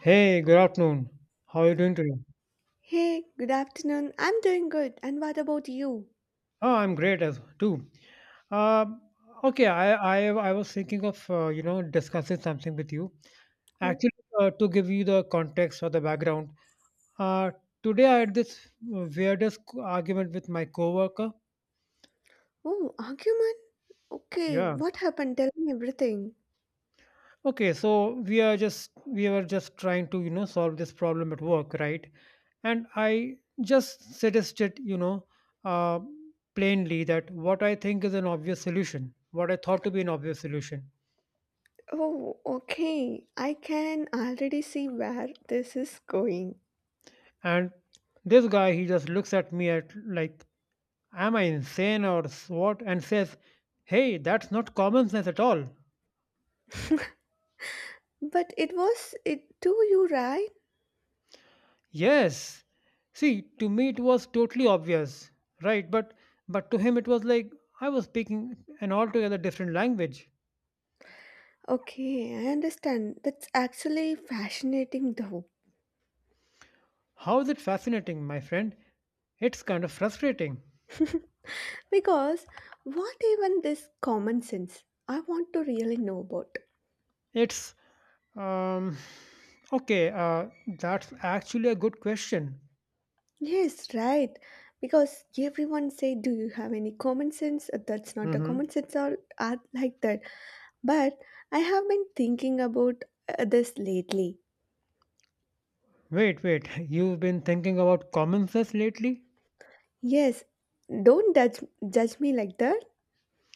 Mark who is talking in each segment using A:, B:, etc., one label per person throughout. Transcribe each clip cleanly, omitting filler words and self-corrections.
A: Hey, good afternoon. How are you doing today?
B: Hey, good afternoon. I'm doing good. And what about you?
A: Oh, I'm great as too. Um, okay, I was thinking of discussing something with you.
B: Yeah.
A: Actually, to give you the context or the background, uh, today I had this weirdest argument with my coworker.
B: Oh, argument? Okay,
A: Yeah,
B: what happened? Tell me everything.
A: okay, so we were just trying to, solve this problem at work, right? And I just suggested, uh, plainly that what I think is an obvious solution, what I thought to be an obvious solution.
B: Oh, okay. I can already see where this is going.
A: And this guy, he just looks at me at like, am I insane or what? And says, hey, that's not common sense at all.
B: But it was it to you, right?
A: Yes. See, to me it was totally obvious, right? But to him it was like I was speaking an altogether different language.
B: Okay, I understand. That's actually fascinating though.
A: How is it fascinating, my friend? It's kind of frustrating.
B: Because what even this common sense? I want to really know about.
A: It's um okay, uh that's actually a good question.
B: Yes, right. Because everyone say, "Do you have any common sense?" That's not a
A: Hmm.
B: common sense or art like that. But I have been thinking about this lately.
A: Wait, wait. You've been thinking about common sense lately?
B: Yes, don't judge me like that.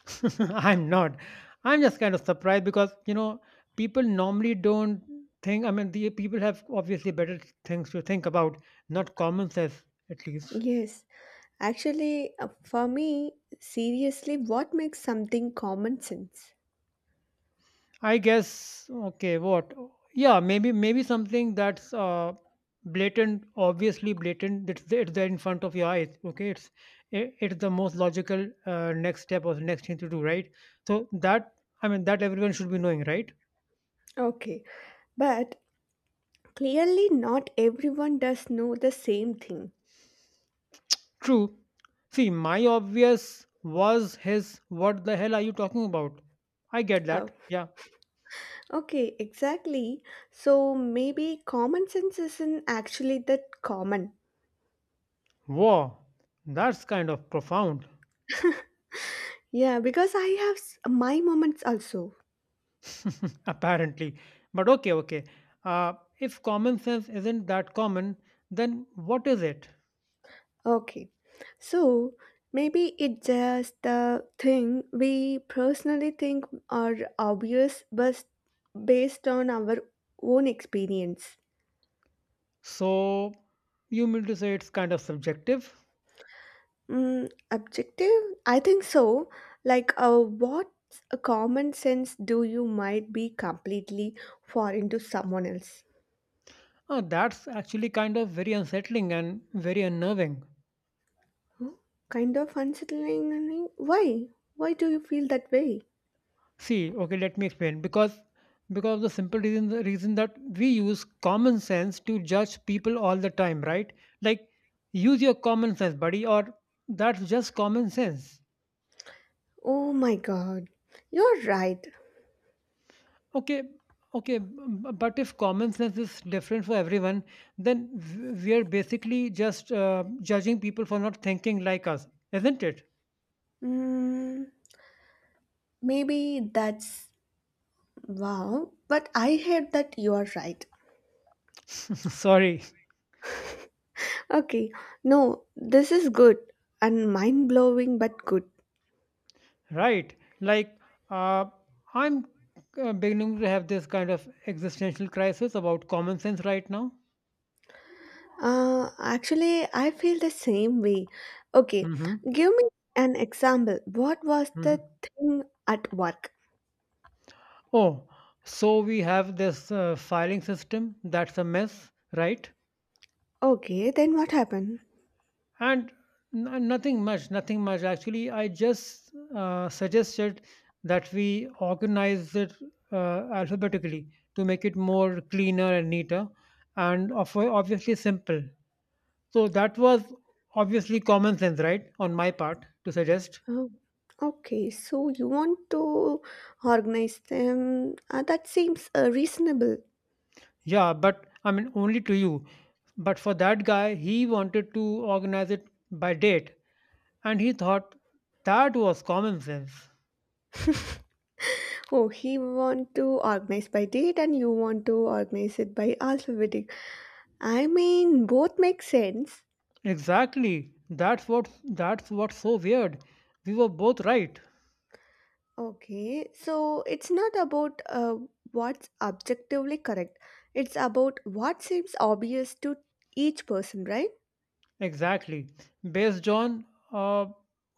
A: I'm not. I'm just kind of surprised because, people normally don't think, I mean, the people have obviously better things to think about, not common sense at least.
B: Yes, actually, for me, seriously, what makes something common sense?
A: I guess, okay, what? Yeah, maybe something that's blatant, obviously blatant, it's there in front of your eyes, okay? It's the most logical next step or the next thing to do, right? So that, I mean, that everyone should be knowing, right?
B: Okay, but clearly, not everyone does know the same thing.
A: True. See, my obvious was his, what the hell are you talking about? I get
B: Uh,
A: that. Yeah.
B: Okay, exactly. So maybe common sense isn't actually that common.
A: Wow. That's kind of profound,
B: Yeah, because I have my moments also.
A: apparently. But okay, okay. Uh, if common sense isn't that common, then what is it?
B: Okay, so maybe it's just the thing we personally think are obvious, but based on our own experience.
A: So, you mean to say it's kind of subjective?
B: Mm, objective? I think so. Like, what common sense do you might be completely foreign to someone else?
A: Oh, that's actually kind of very unsettling and very unnerving.
B: Kind of unsettling. I mean, why? Why do you feel that way?
A: See, okay, let me explain. Because of the reason that we use common sense to judge people all the time, right? Like use your common sense, buddy, or that's just common sense.
B: Oh my god. You're right.
A: Okay, okay, but if common sense is different for everyone, then we are basically just judging people for not thinking like us, isn't it?
B: Mm, maybe that's wow, but I heard that you are right.
A: Sorry.
B: Okay, no, this is good and mind blowing but good.
A: Right. Like, uh, I'm beginning to have this kind of existential crisis about common sense right now.
B: Actually, I feel the same way. Okay,
A: Hmm.
B: give me an example. What was the
A: Hmm.
B: thing at work?
A: Oh, so we have this filing system that's a mess, right?
B: Okay, then what happened?
A: And nothing much, nothing much. Actually, I just suggested that we organize it alphabetically to make it more cleaner and neater and obviously simple. So that was obviously common sense, right? On my part to suggest.
B: Oh, okay. So you want to organize them? That seems reasonable.
A: Yeah, but I mean, only to you. But for that guy, he wanted to organize it by date. And he thought that was common sense.
B: Oh, he want to organize by date and you want to organize it by alphabetic. I mean, both make sense.
A: Exactly. That's what's so weird. We were both right.
B: Okay, so it's not about what's objectively correct. It's about what seems obvious to each person, right?
A: Exactly. Based on uh,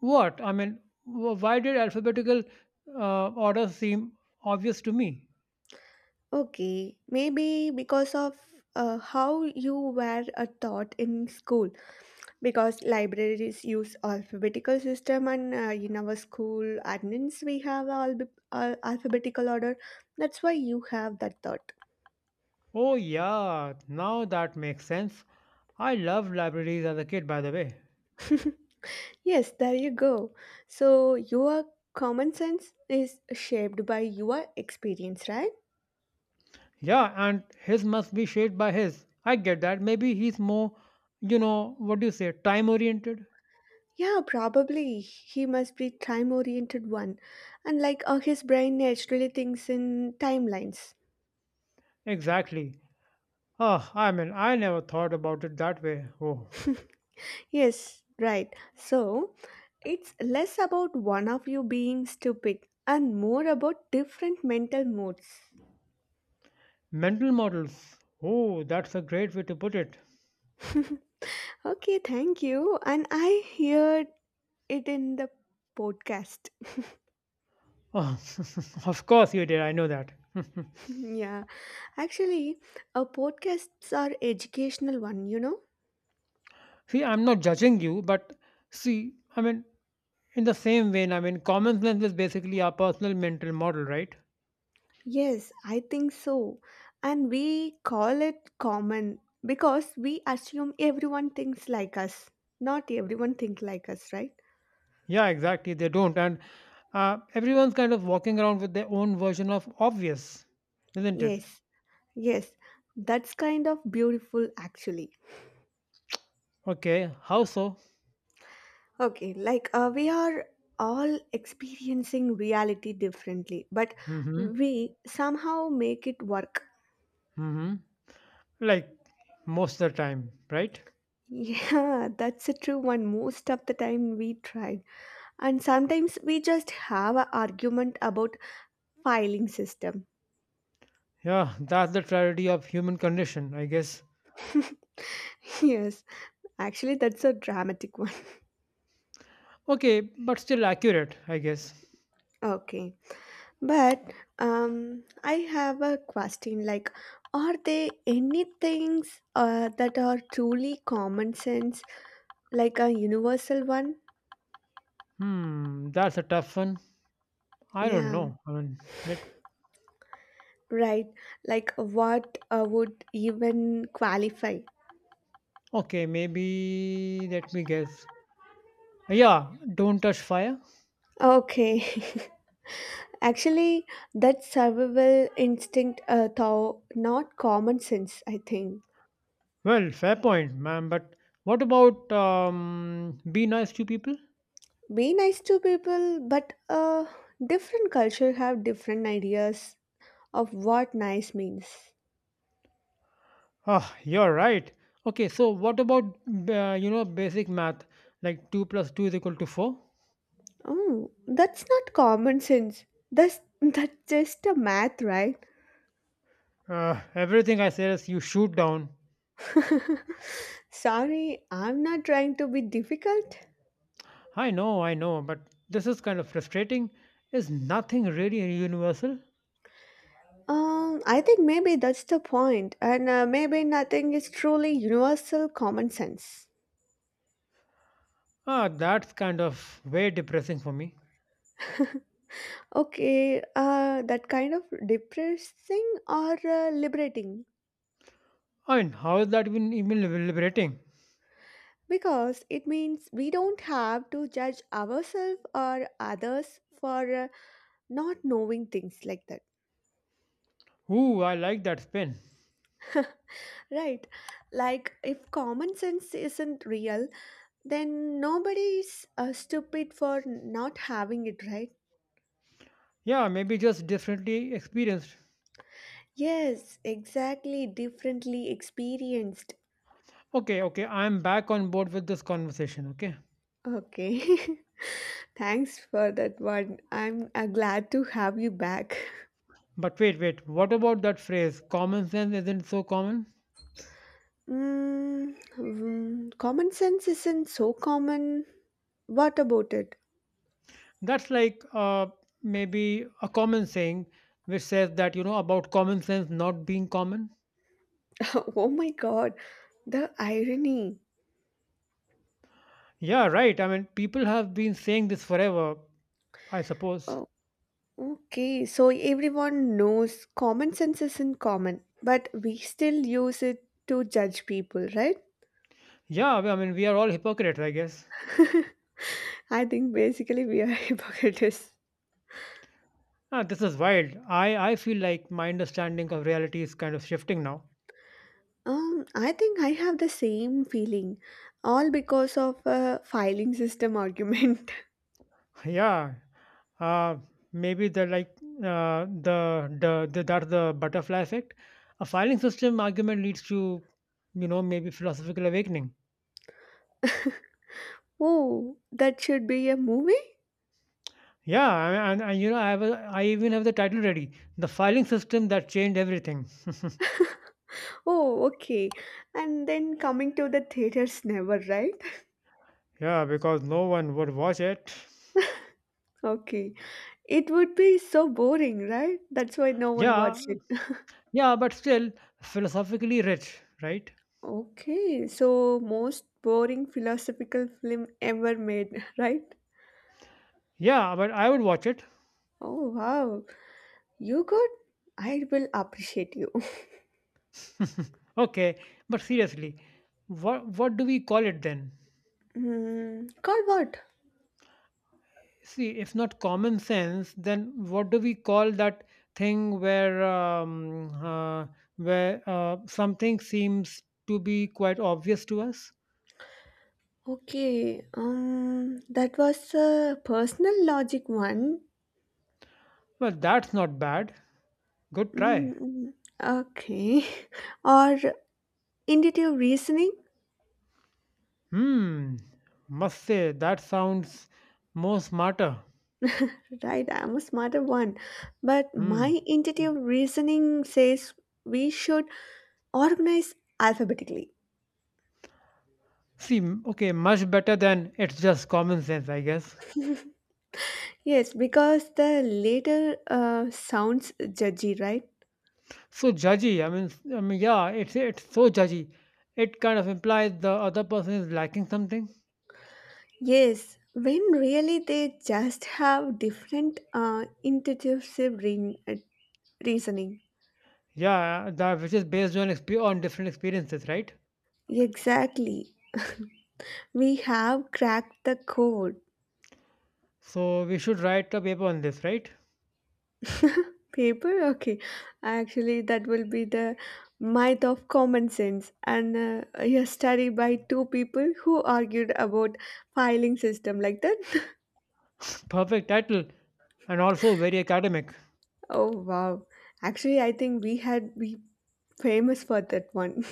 A: what? I mean, why did alphabetical order seem obvious to me?
B: Okay, maybe because of how you were taught in school. Because libraries use alphabetical system, and in our school admins we have alphabetical order. That's why you have that thought.
A: Oh yeah, now that makes sense. I loved libraries as a kid, by the way.
B: Yes, there you go. So your common sense is shaped by your experience, right?
A: Yeah, and his must be shaped by his. I get that. Maybe he's more, you know, what do you say, time oriented?
B: Yeah, probably he must be time oriented one. And like his brain naturally thinks in timelines.
A: Exactly. Ah, I mean, I never thought about it that way. Oh,
B: Yes, right. So it's less about one of you being stupid and more about different mental modes.
A: mental models. Oh, that's a great way to put it.
B: Okay, thank you. And I heard it in the podcast.
A: Oh, of course you did. I know that.
B: Yeah, actually, our podcasts are educational one, you know?
A: See, I'm not judging you, but see, I mean, in the same vein, I mean, common sense is basically our personal mental model, right?
B: Yes, I think so. And we call it common because we assume everyone thinks like us. Not everyone think like us, right?
A: Yeah, exactly. They don't. And everyone's kind of walking around with their own version of obvious, isn't it?
B: Yes. Yes, that's kind of beautiful actually.
A: Okay, how so?
B: Okay, like we are all experiencing reality differently, but
A: Mm-hmm.
B: we somehow make it work.
A: Mm-hmm. Like most of the time, right?
B: Yeah, that's a true one. Most of the time we tried. And sometimes we just have an argument about filing system.
A: Yeah, that's the tragedy of human condition, I guess.
B: Yes, actually that's a dramatic one.
A: Okay, but still accurate, I guess.
B: Okay. But I have a question like, are there any things that are truly common sense, like a universal one?
A: Hmm, that's a tough one. I don't
B: Yeah,
A: know. I mean, let,
B: right. Like, what would even qualify?
A: okay, maybe let me guess. Yeah, don't touch fire.
B: Okay. Actually, that survival instinct, though not common sense, I think.
A: Well, fair point, ma'am. But what about be nice to people?
B: Be nice to people, but different culture have different ideas of what nice means.
A: Ah, you're right. Okay, so what about basic math like two plus two is equal to four?
B: Oh, that's not common sense. That's that's just a math, right?
A: Everything I say is you shoot down.
B: Sorry, I'm not trying to be difficult.
A: I know, but this is kind of frustrating. Is nothing really universal?
B: I think maybe that's the point, and maybe nothing is truly universal common sense.
A: Ah, that's kind of way depressing for me.
B: Okay, that kind of depressing or liberating
A: I mean, how is that even liberating?
B: because it means we don't have to judge ourselves or others for not knowing things like that.
A: Ooh, I like that spin.
B: Right. Like, if common sense isn't real, then nobody's stupid for not having it, right?
A: Yeah, maybe just differently experienced.
B: Yes, exactly. Differently experienced.
A: Okay, okay, I'm back on board with this conversation, okay?
B: Okay. Thanks for that one. I'm glad to have you back.
A: But wait, wait, what about that phrase, common sense isn't so common?
B: Mm, mm, common sense isn't so common. What about it?
A: That's like maybe a common saying which says that, about common sense not being common.
B: Oh my god, the irony.
A: Yeah, right. I mean, people have been saying this forever, I suppose.
B: Oh, okay, so everyone knows common sense isn't common, but we still use it to judge people, right?
A: Yeah, I mean, we are all hypocrites, I guess.
B: I think basically we are hypocrites.
A: Ah, this is wild. I feel like my understanding of reality is kind of shifting now.
B: I think I have the same feeling, all because of a filing system argument.
A: Yeah, uh, maybe are like the that's the butterfly effect. A filing system argument leads to maybe philosophical awakening.
B: Oh, that should be a movie?
A: Yeah, and I even have the title ready, the filing system that changed everything.
B: Oh, okay. And then coming to the theaters never, right?
A: Yeah, because no one would watch it.
B: Okay. It would be so boring, right? That's why no one
A: Yeah,
B: watched it.
A: yeah, but still philosophically rich, right?
B: Okay, so most boring philosophical film ever made, right?
A: Yeah, but I would watch it.
B: Oh wow, you good? I will appreciate you.
A: Okay, but seriously, what do we call it then?
B: Hmm, called what?
A: See, if not common sense, then what do we call that thing where something seems to be quite obvious to us?
B: Okay, that was a personal logic one.
A: Well, that's not bad. Good try.
B: Mm, okay, or intuitive reasoning.
A: hmm must say that sounds more smarter.
B: Right, I'm a smarter one, but
A: hmm
B: my intuitive reasoning says we should organize alphabetically.
A: see m- okay, much better than it's just common sense, I guess.
B: Yes, because the later sounds judgy, right?
A: So judgy, I mean, yeah, it's so judgy. It kind of implies the other person is lacking something.
B: Yes, when really they just have different intuitive reasoning.
A: Yeah, that which is based on on different experiences, right?
B: Exactly. We have cracked the code.
A: So we should write a paper on this, right?
B: Paper? Okay. Actually, that will be the myth of common sense, and a study by two people who argued about filing system like that.
A: Perfect title, and also very academic.
B: Oh wow. Actually, I think we famous for that one.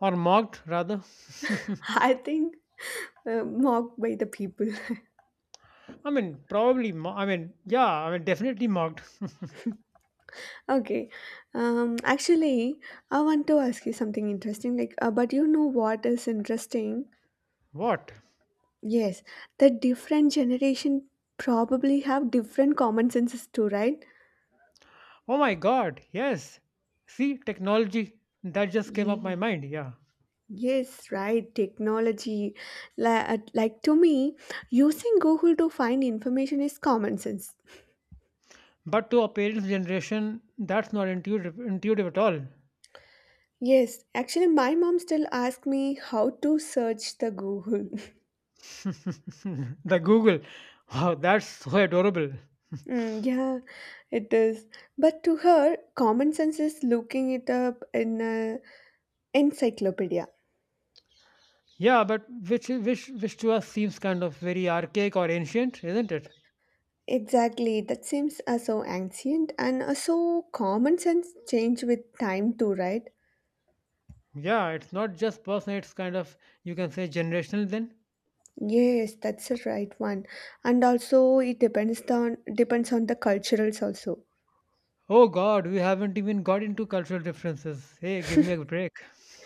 A: Or mocked rather.
B: I think mocked by the people.
A: I mean, probably. I mean, yeah. I mean, definitely mocked.
B: Okay. Actually, I want to ask you something interesting. Like, but you know what is interesting?
A: What?
B: Yes, the different generation probably have different common senses too, right?
A: Oh my God! Yes. See, technology that just came up my
B: Yeah.
A: mind. Yeah,
B: Yes, right. Technology, like to me, using Google to find information is common sense.
A: but to our parents' generation, that's not intuitive at all.
B: Yes, actually, my mom still asks me how to search the Google.
A: The Google. Wow, that's so adorable.
B: Mm, yeah, it is. But to her, common sense is looking it up in an encyclopedia.
A: Yeah, but which to us seems kind of very archaic or ancient, isn't it?
B: Exactly, that seems so ancient, and so common sense change with time too, right?
A: Yeah, it's not just personal, it's kind of you can say generational then.
B: Yes, that's the right one. And also, it depends on the culturals also.
A: Oh God, we haven't even got into cultural differences. Hey, give me a break.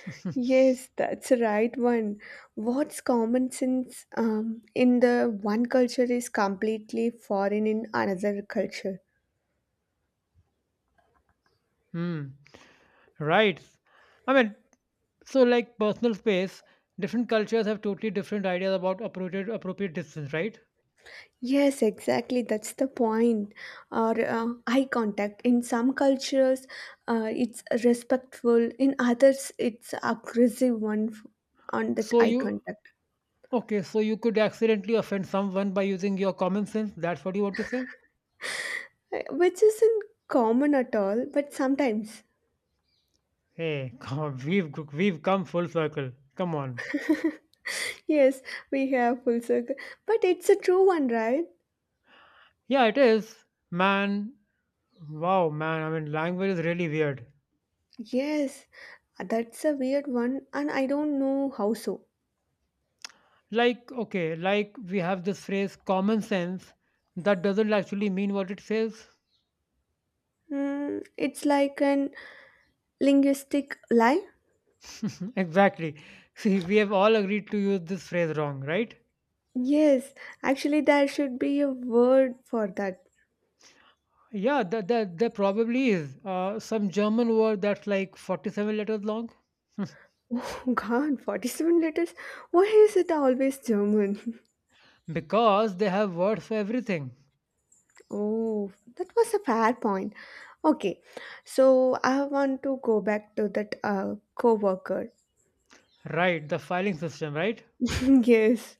B: Yes, that's the right one. What's common sense in the one culture is completely foreign in another culture.
A: Hmm. Right. I mean, so like personal space, different cultures have totally different ideas about appropriate distance, right?
B: Yes, exactly. That's the point. Or eye contact. In some cultures, it's respectful. In others, it's aggressive one on that
A: So
B: eye
A: you
B: contact,
A: Okay, so you could accidentally offend someone by using your common sense. That's what you want to say?
B: which isn't common at all. But sometimes,
A: Hey, come, we've come full circle. Come on.
B: yes, we have full circle. But it's a true one, right?
A: Yeah, it is. Man, wow, man. I mean, language is really weird.
B: Yes. That's a weird one, and I don't know how so.
A: Like, okay, like we have this phrase common sense that doesn't actually mean what it says.
B: Hmm, it's like an linguistic lie.
A: Exactly. See, we have all agreed to use this phrase wrong, right?
B: Yes, actually, there should be a word for that.
A: Yeah, that there probably is some German word that's like 47 letters long
B: Oh God, 47 letters? Why is it always German?
A: because they have words for everything.
B: Oh, that was a fair point. Okay, so I want to go back to that co worker.
A: Right, the filing system, right?
B: Yes,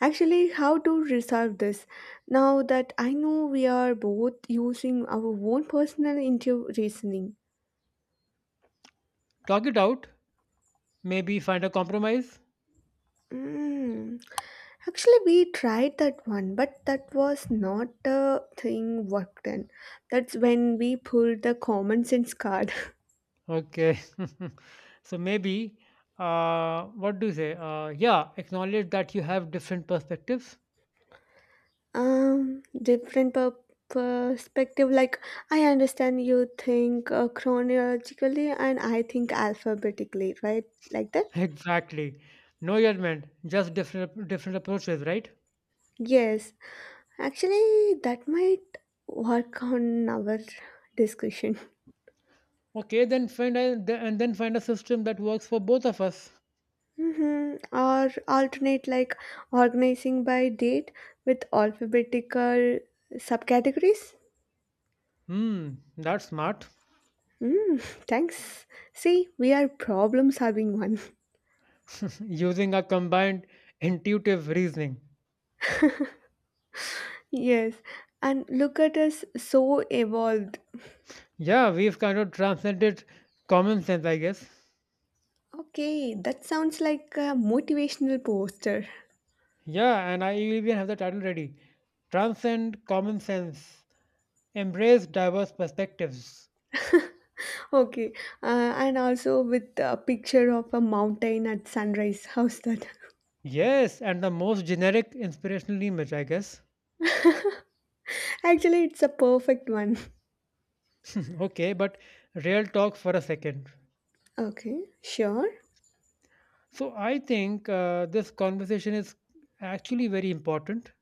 B: actually, how to resolve this? Now that I know we are both using our own personal intuitive reasoning.
A: Talk it out, maybe find a compromise.
B: Mm. Actually, we tried that one, but that was not a thing worked in. That's when we pulled the common sense card.
A: Okay. So maybe, what do you say? Yeah, acknowledge that you have different perspectives.
B: Different perspective. Like, I understand you think chronologically, and I think alphabetically, right? Like that?
A: Exactly. No judgment, just different approaches, right?
B: Yes. Actually, that might work on our discussion.
A: Okay, then and then find a system that works for both of us.
B: Or alternate like organizing by date with alphabetical subcategories.
A: Hmm, that's smart.
B: Mm, thanks. See, we are problem solving one.
A: Using a combined intuitive reasoning.
B: Yes, and look at us so evolved.
A: Yeah, we've kind of transcended common sense, I guess.
B: Okay, that sounds like a motivational poster.
A: Yeah, and I even have the title ready. Transcend common sense, embrace diverse perspectives.
B: Okay, and also with a picture of a mountain at sunrise. How's that?
A: Yes, and the most generic inspirational image, I guess.
B: Actually, it's a perfect one.
A: Okay, but real talk for a second.
B: Okay, sure.
A: So I think this conversation is actually very important.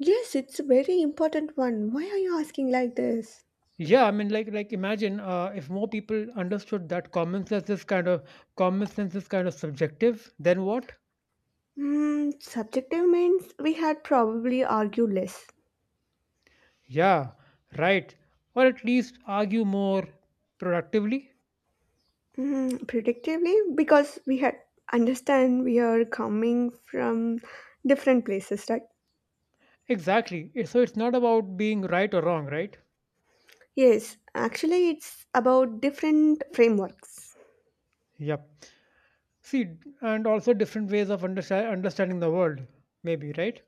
B: Yes, it's a very important one. Why are you asking like this?
A: Yeah, I mean, like imagine if more people understood that common sense is kind of subjective, then what?
B: Hmm, subjective means we had probably argued less.
A: Yeah, right. Or at least argue more productively.
B: Hmm, predictively, because we had understand we are coming from different places, right?
A: Exactly. So it's not about being right or wrong, right?
B: Yes, actually, it's about different frameworks.
A: Yep. See, and also different ways of understanding the world, maybe, right?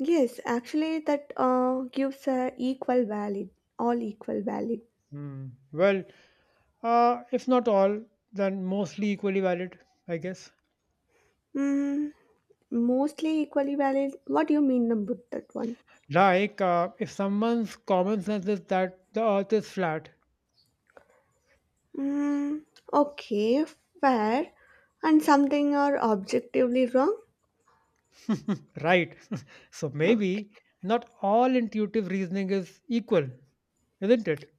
B: Yes, actually, that gives a equal valid, all equal valid.
A: Hmm. Well, if not all, then mostly equally valid, I guess.
B: Hmm, mostly equally valid. What do you mean about that one?
A: Like, if someone's common sense is that the earth is flat,
B: Mm, okay, fair. And something are objectively wrong?
A: right? So maybe
B: Okay.
A: not all intuitive reasoning is equal, isn't it?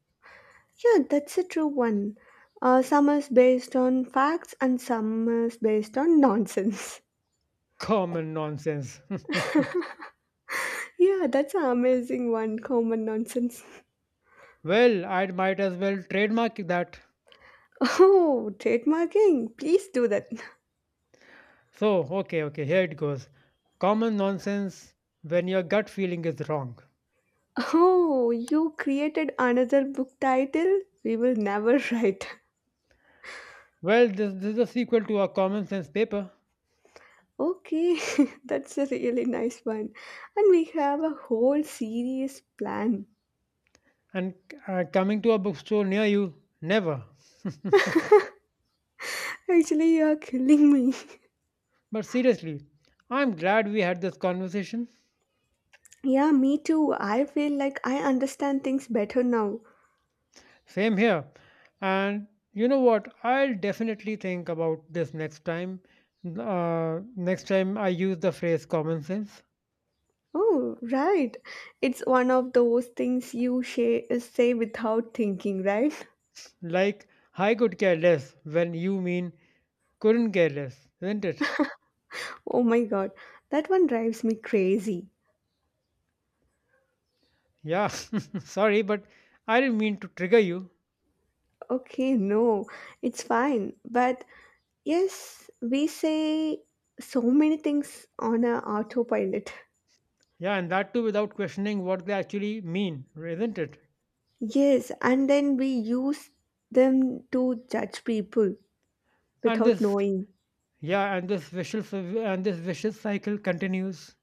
B: Yeah, that's a true one. Some is based on facts and some is based on nonsense.
A: Common nonsense.
B: Yeah, that's an amazing one. Common nonsense.
A: Well, I might as well trademark that.
B: Oh, trademarking. Please do that.
A: So, okay, okay, here it goes. Common nonsense when your gut feeling is wrong.
B: Oh, you created another book title we will never write.
A: Well, this is a sequel to our common sense paper
B: Okay, that's a really nice one. And we have a whole series plan.
A: and coming to a bookstore near you, never.
B: Actually, you are killing me.
A: But seriously, I'm glad we had this conversation.
B: Yeah, me too. I feel like I understand things better now.
A: Same here. And you know what? I'll definitely think about this next time. Next time I use the phrase common sense.
B: Oh, right. It's one of those things you say without thinking, right?
A: Like, I could care less when you mean couldn't care less, isn't it?
B: Oh my god, that one drives me crazy.
A: Yeah, sorry, but I didn't mean to trigger you.
B: Okay, no, it's fine. But yes, we say so many things on a autopilot.
A: Yeah, and that too without questioning what they actually mean, isn't it?
B: Yes, and then we use them to judge people
A: And
B: without
A: this,
B: knowing.
A: yeah, and this vicious cycle continues.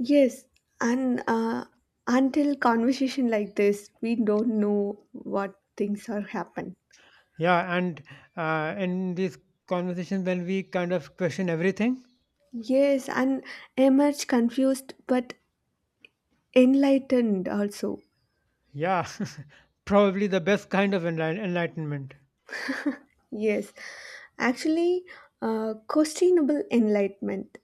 B: Yes, and until conversation like this, we don't know what things are happen.
A: Yeah, and in these conversations when we kind of question everything.
B: Yes, and emerge confused but enlightened also.
A: Yeah. Probably the best kind of enlightenment.
B: Yes, actually, questionable enlightenment.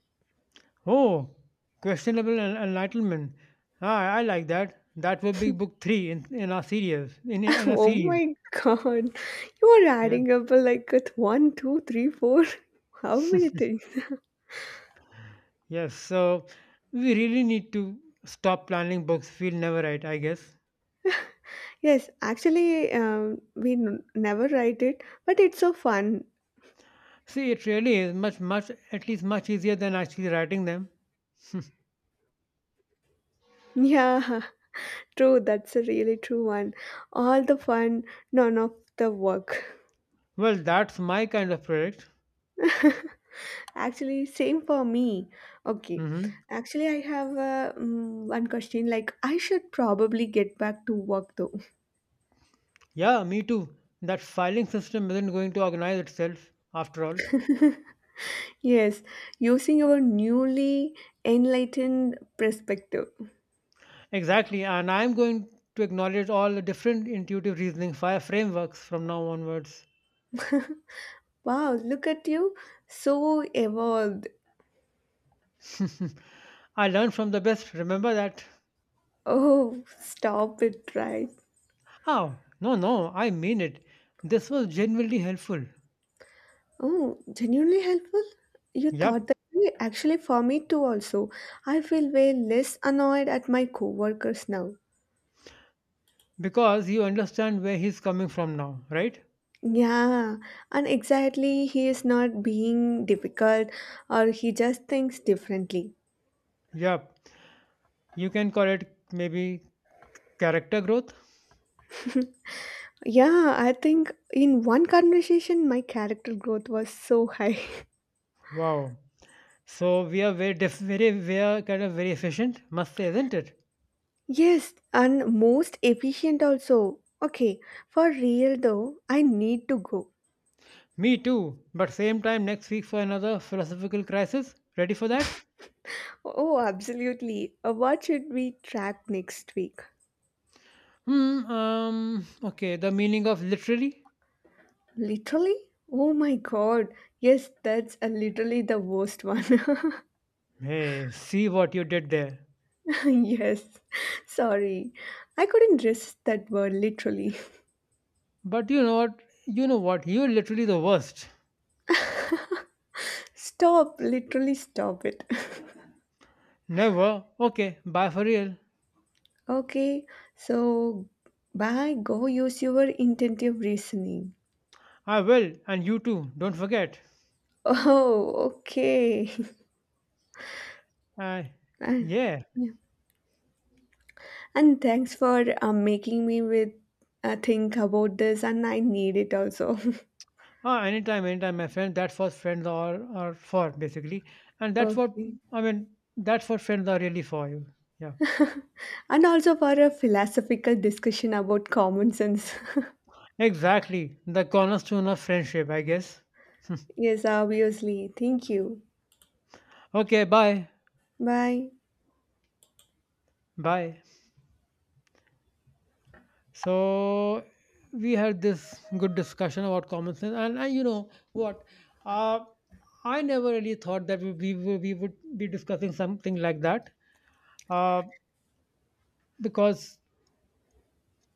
A: Oh, questionable enlightenment. Ah, I like that. That would be book three in our series. In, in our
B: Oh
A: series.
B: my god, you are
A: Yeah.
B: adding up like with one, two, three, four. How many things?
A: Yes, so we really need to stop planning books we'll never write, I guess.
B: Yes, actually, we never write it, but it's so fun.
A: See, it really is much, much, at least much easier than actually writing them.
B: Yeah. True, that's a really true one. All the fun, none of the work.
A: Well, that's my kind of project.
B: Actually, same for me. Okay.
A: Hmm.
B: Actually, I have one question. Like, I should probably get back to work though.
A: Yeah, me too. That filing system isn't going to organize itself, after all.
B: Yes, using our newly enlightened perspective.
A: Exactly, and I'm going to acknowledge all the different intuitive reasoning fire frameworks from now onwards.
B: Wow, look at you. So evolved.
A: I learned from the best, remember that.
B: Oh, stop it, right?
A: Oh, no, no, I mean it. This was genuinely helpful.
B: Oh, genuinely helpful? You thought
A: Yep,
B: that way? Actually, for me too, also. I feel way less annoyed at my coworkers now.
A: because you understand where he's coming from now, right?
B: Yeah, and exactly, he is not being difficult or he just thinks differently.
A: Yep. You can call it maybe character growth.
B: Yeah, I think in one conversation, my character growth was so high.
A: Wow. So we are very, we are kind of very efficient, must say, isn't it?
B: Yes, and most efficient also. Okay, for real though, I need to go.
A: Me too. But same time next week for another philosophical crisis. Ready for that?
B: Oh, absolutely. What should we track next week?
A: Hmm. Okay. The meaning of literally.
B: Literally? Oh my god. Yes, that's literally the worst one.
A: Hey, see what you did there.
B: Yes. Sorry. I couldn't resist that word literally.
A: But you know what? You know what? You're literally the worst.
B: Stop. Literally stop it.
A: Never. Okay. Bye for real.
B: Okay. So, bye. Go use your intentive reasoning.
A: I will, and you too. Don't forget.
B: Oh, okay.
A: Uh,
B: I-
A: yeah.
B: yeah. And thanks for making me with think about this, and I need it also.
A: Ah, anytime, anytime, my friend. That's what friends are for, basically. And that's what
B: Okay.
A: I mean. That's what friends are really for you. Yeah.
B: And also for a philosophical discussion about common sense.
A: Exactly. The cornerstone of friendship, I guess.
B: Yes, obviously. Thank you.
A: Okay. Bye.
B: Bye.
A: Bye. So we had this good discussion about common sense, and you know what? Uh, I never really thought that we would be discussing something like that. Uh, because,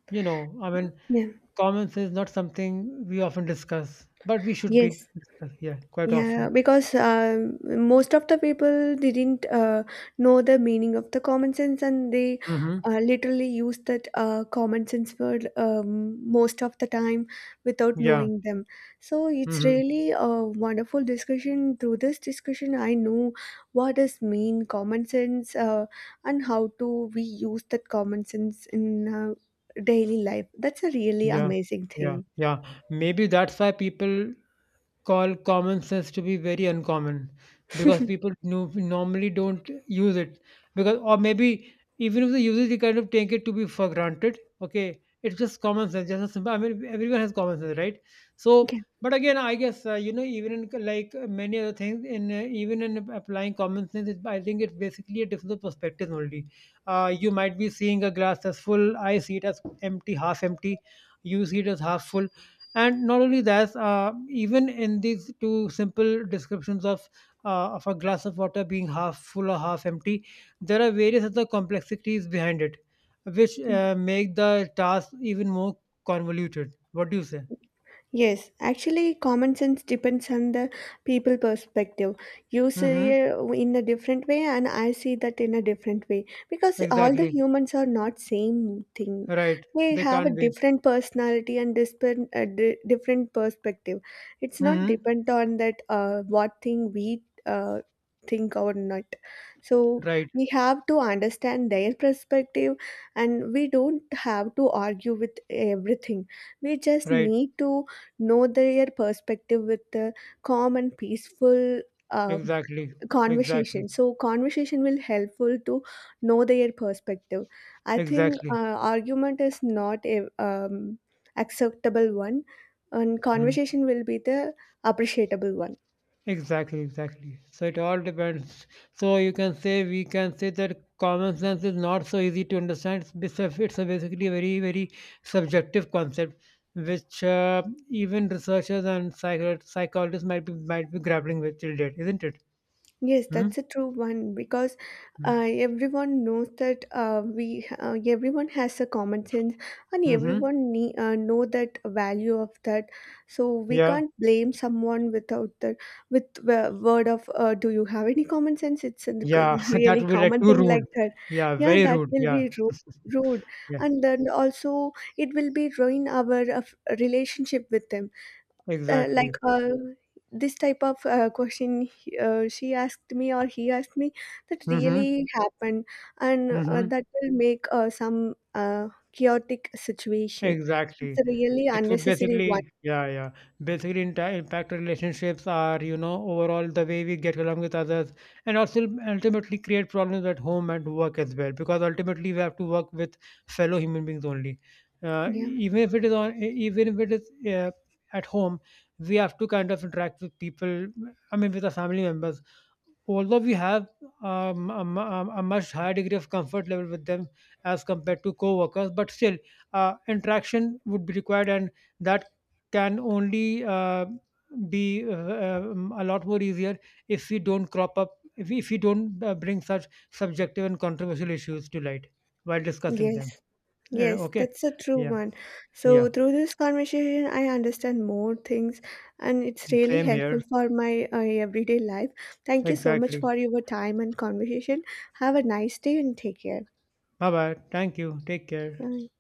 A: you know, I mean,
B: Yeah.
A: common sense is not something we often discuss, but we should be
B: Yes.
A: discuss, yeah, quite
B: Yeah,
A: often.
B: because most of the people didn't know the meaning of the common sense, and they
A: Mm-hmm.
B: literally used that common sense word most of the time without
A: Yeah.
B: knowing them. So it's
A: Mm-hmm.
B: really a wonderful discussion. Through this discussion, I know what does mean common sense, and how do we use that common sense in daily life. That's a really
A: Yeah,
B: amazing
A: yeah,
B: thing.
A: yeah. Maybe that's why people call common sense to be very uncommon because people normally don't use it. Because, or maybe even if they use it, they kind of take it to be for granted. Okay, it's just common sense. Just a simple. I mean, everyone has common sense, right? So,
B: Okay.
A: but again, I guess you know, even in like many other things, in even in applying common sense, I think it's basically a different perspective only. You might be seeing a glass as full. I see it as empty, half empty. You see it as half full, and not only that, even in these two simple descriptions of, of a glass of water being half full or half empty, there are various other complexities behind it, which make the task even more convoluted. What do you say?
B: Yes, actually, common sense depends on the people perspective. You see
A: Mm-hmm.
B: it in a different way, and I see that in a different way because all the
A: Exactly.
B: humans are not same thing.
A: Right.
B: They
A: They
B: have a
A: can't be.
B: different personality and different perspective. It's not
A: Mm-hmm.
B: depend on that what thing we think or not. So
A: Right.
B: we have to understand their perspective, and we don't have to argue with everything. We just
A: Right.
B: need to know their perspective with the calm and peaceful uh,
A: Exactly. Exactly.
B: conversation. So conversation will helpful to know their perspective. I think
A: Exactly.
B: argument is not a acceptable one, and
A: Hmm.
B: conversation will be the appreciable one.
A: Exactly, exactly. So it all depends. So you can say we can say that common sense is not so easy to understand. It's it's a basically a very very subjective concept, which even researchers and psychologists might be grappling with till date, isn't it?
B: Yes,
A: Hmm?
B: that's a true one because
A: Hmm.
B: everyone knows that we everyone has a common sense, and
A: Mm-hmm.
B: everyone know that value of that. So we
A: Yeah,
B: can't blame someone without that. With the word of "Do you have any common sense?" It's a
A: yeah. That
B: really
A: would be like
B: common
A: too
B: thing
A: rude.
B: like that.
A: Yeah,
B: Yeah,
A: very
B: that
A: rude.
B: will
A: Yeah,
B: be rude. Rude,
A: yeah.
B: and then also it will be ruin our relationship with them, like,
A: Exactly.
B: this type of question she asked me or he asked me that
A: Mm-hmm.
B: really happened. And
A: Mm-hmm.
B: that will make some chaotic situation. It's
A: Exactly.
B: a really
A: It would
B: unnecessary one.
A: basically, yeah, yeah. Basically, in impact relationships are, you know, overall the way we get along with others, and also ultimately create problems at home and work as well. Because ultimately, we have to work with fellow human beings only.
B: Yeah.
A: Even if it is even if it is at home, we have to kind of interact with people. I mean, with our family members, although we have a, mu- a much higher degree of comfort level with them as compared to co-workers, but still interaction would be required, and that can only be a lot more easier if we don't crop up, if if we don't bring such subjective and controversial issues to light while discussing them.
B: Yes.
A: You know,
B: Yes,
A: okay.
B: that's a true
A: Yeah.
B: one. So
A: Yeah.
B: through this conversation I understand more things, and it's really
A: Same
B: helpful
A: here.
B: for my everyday life. Thank you so much
A: Exactly.
B: for your time and conversation. Have a nice day and take care.
A: Bye bye. Thank you. Take care.
B: Bye.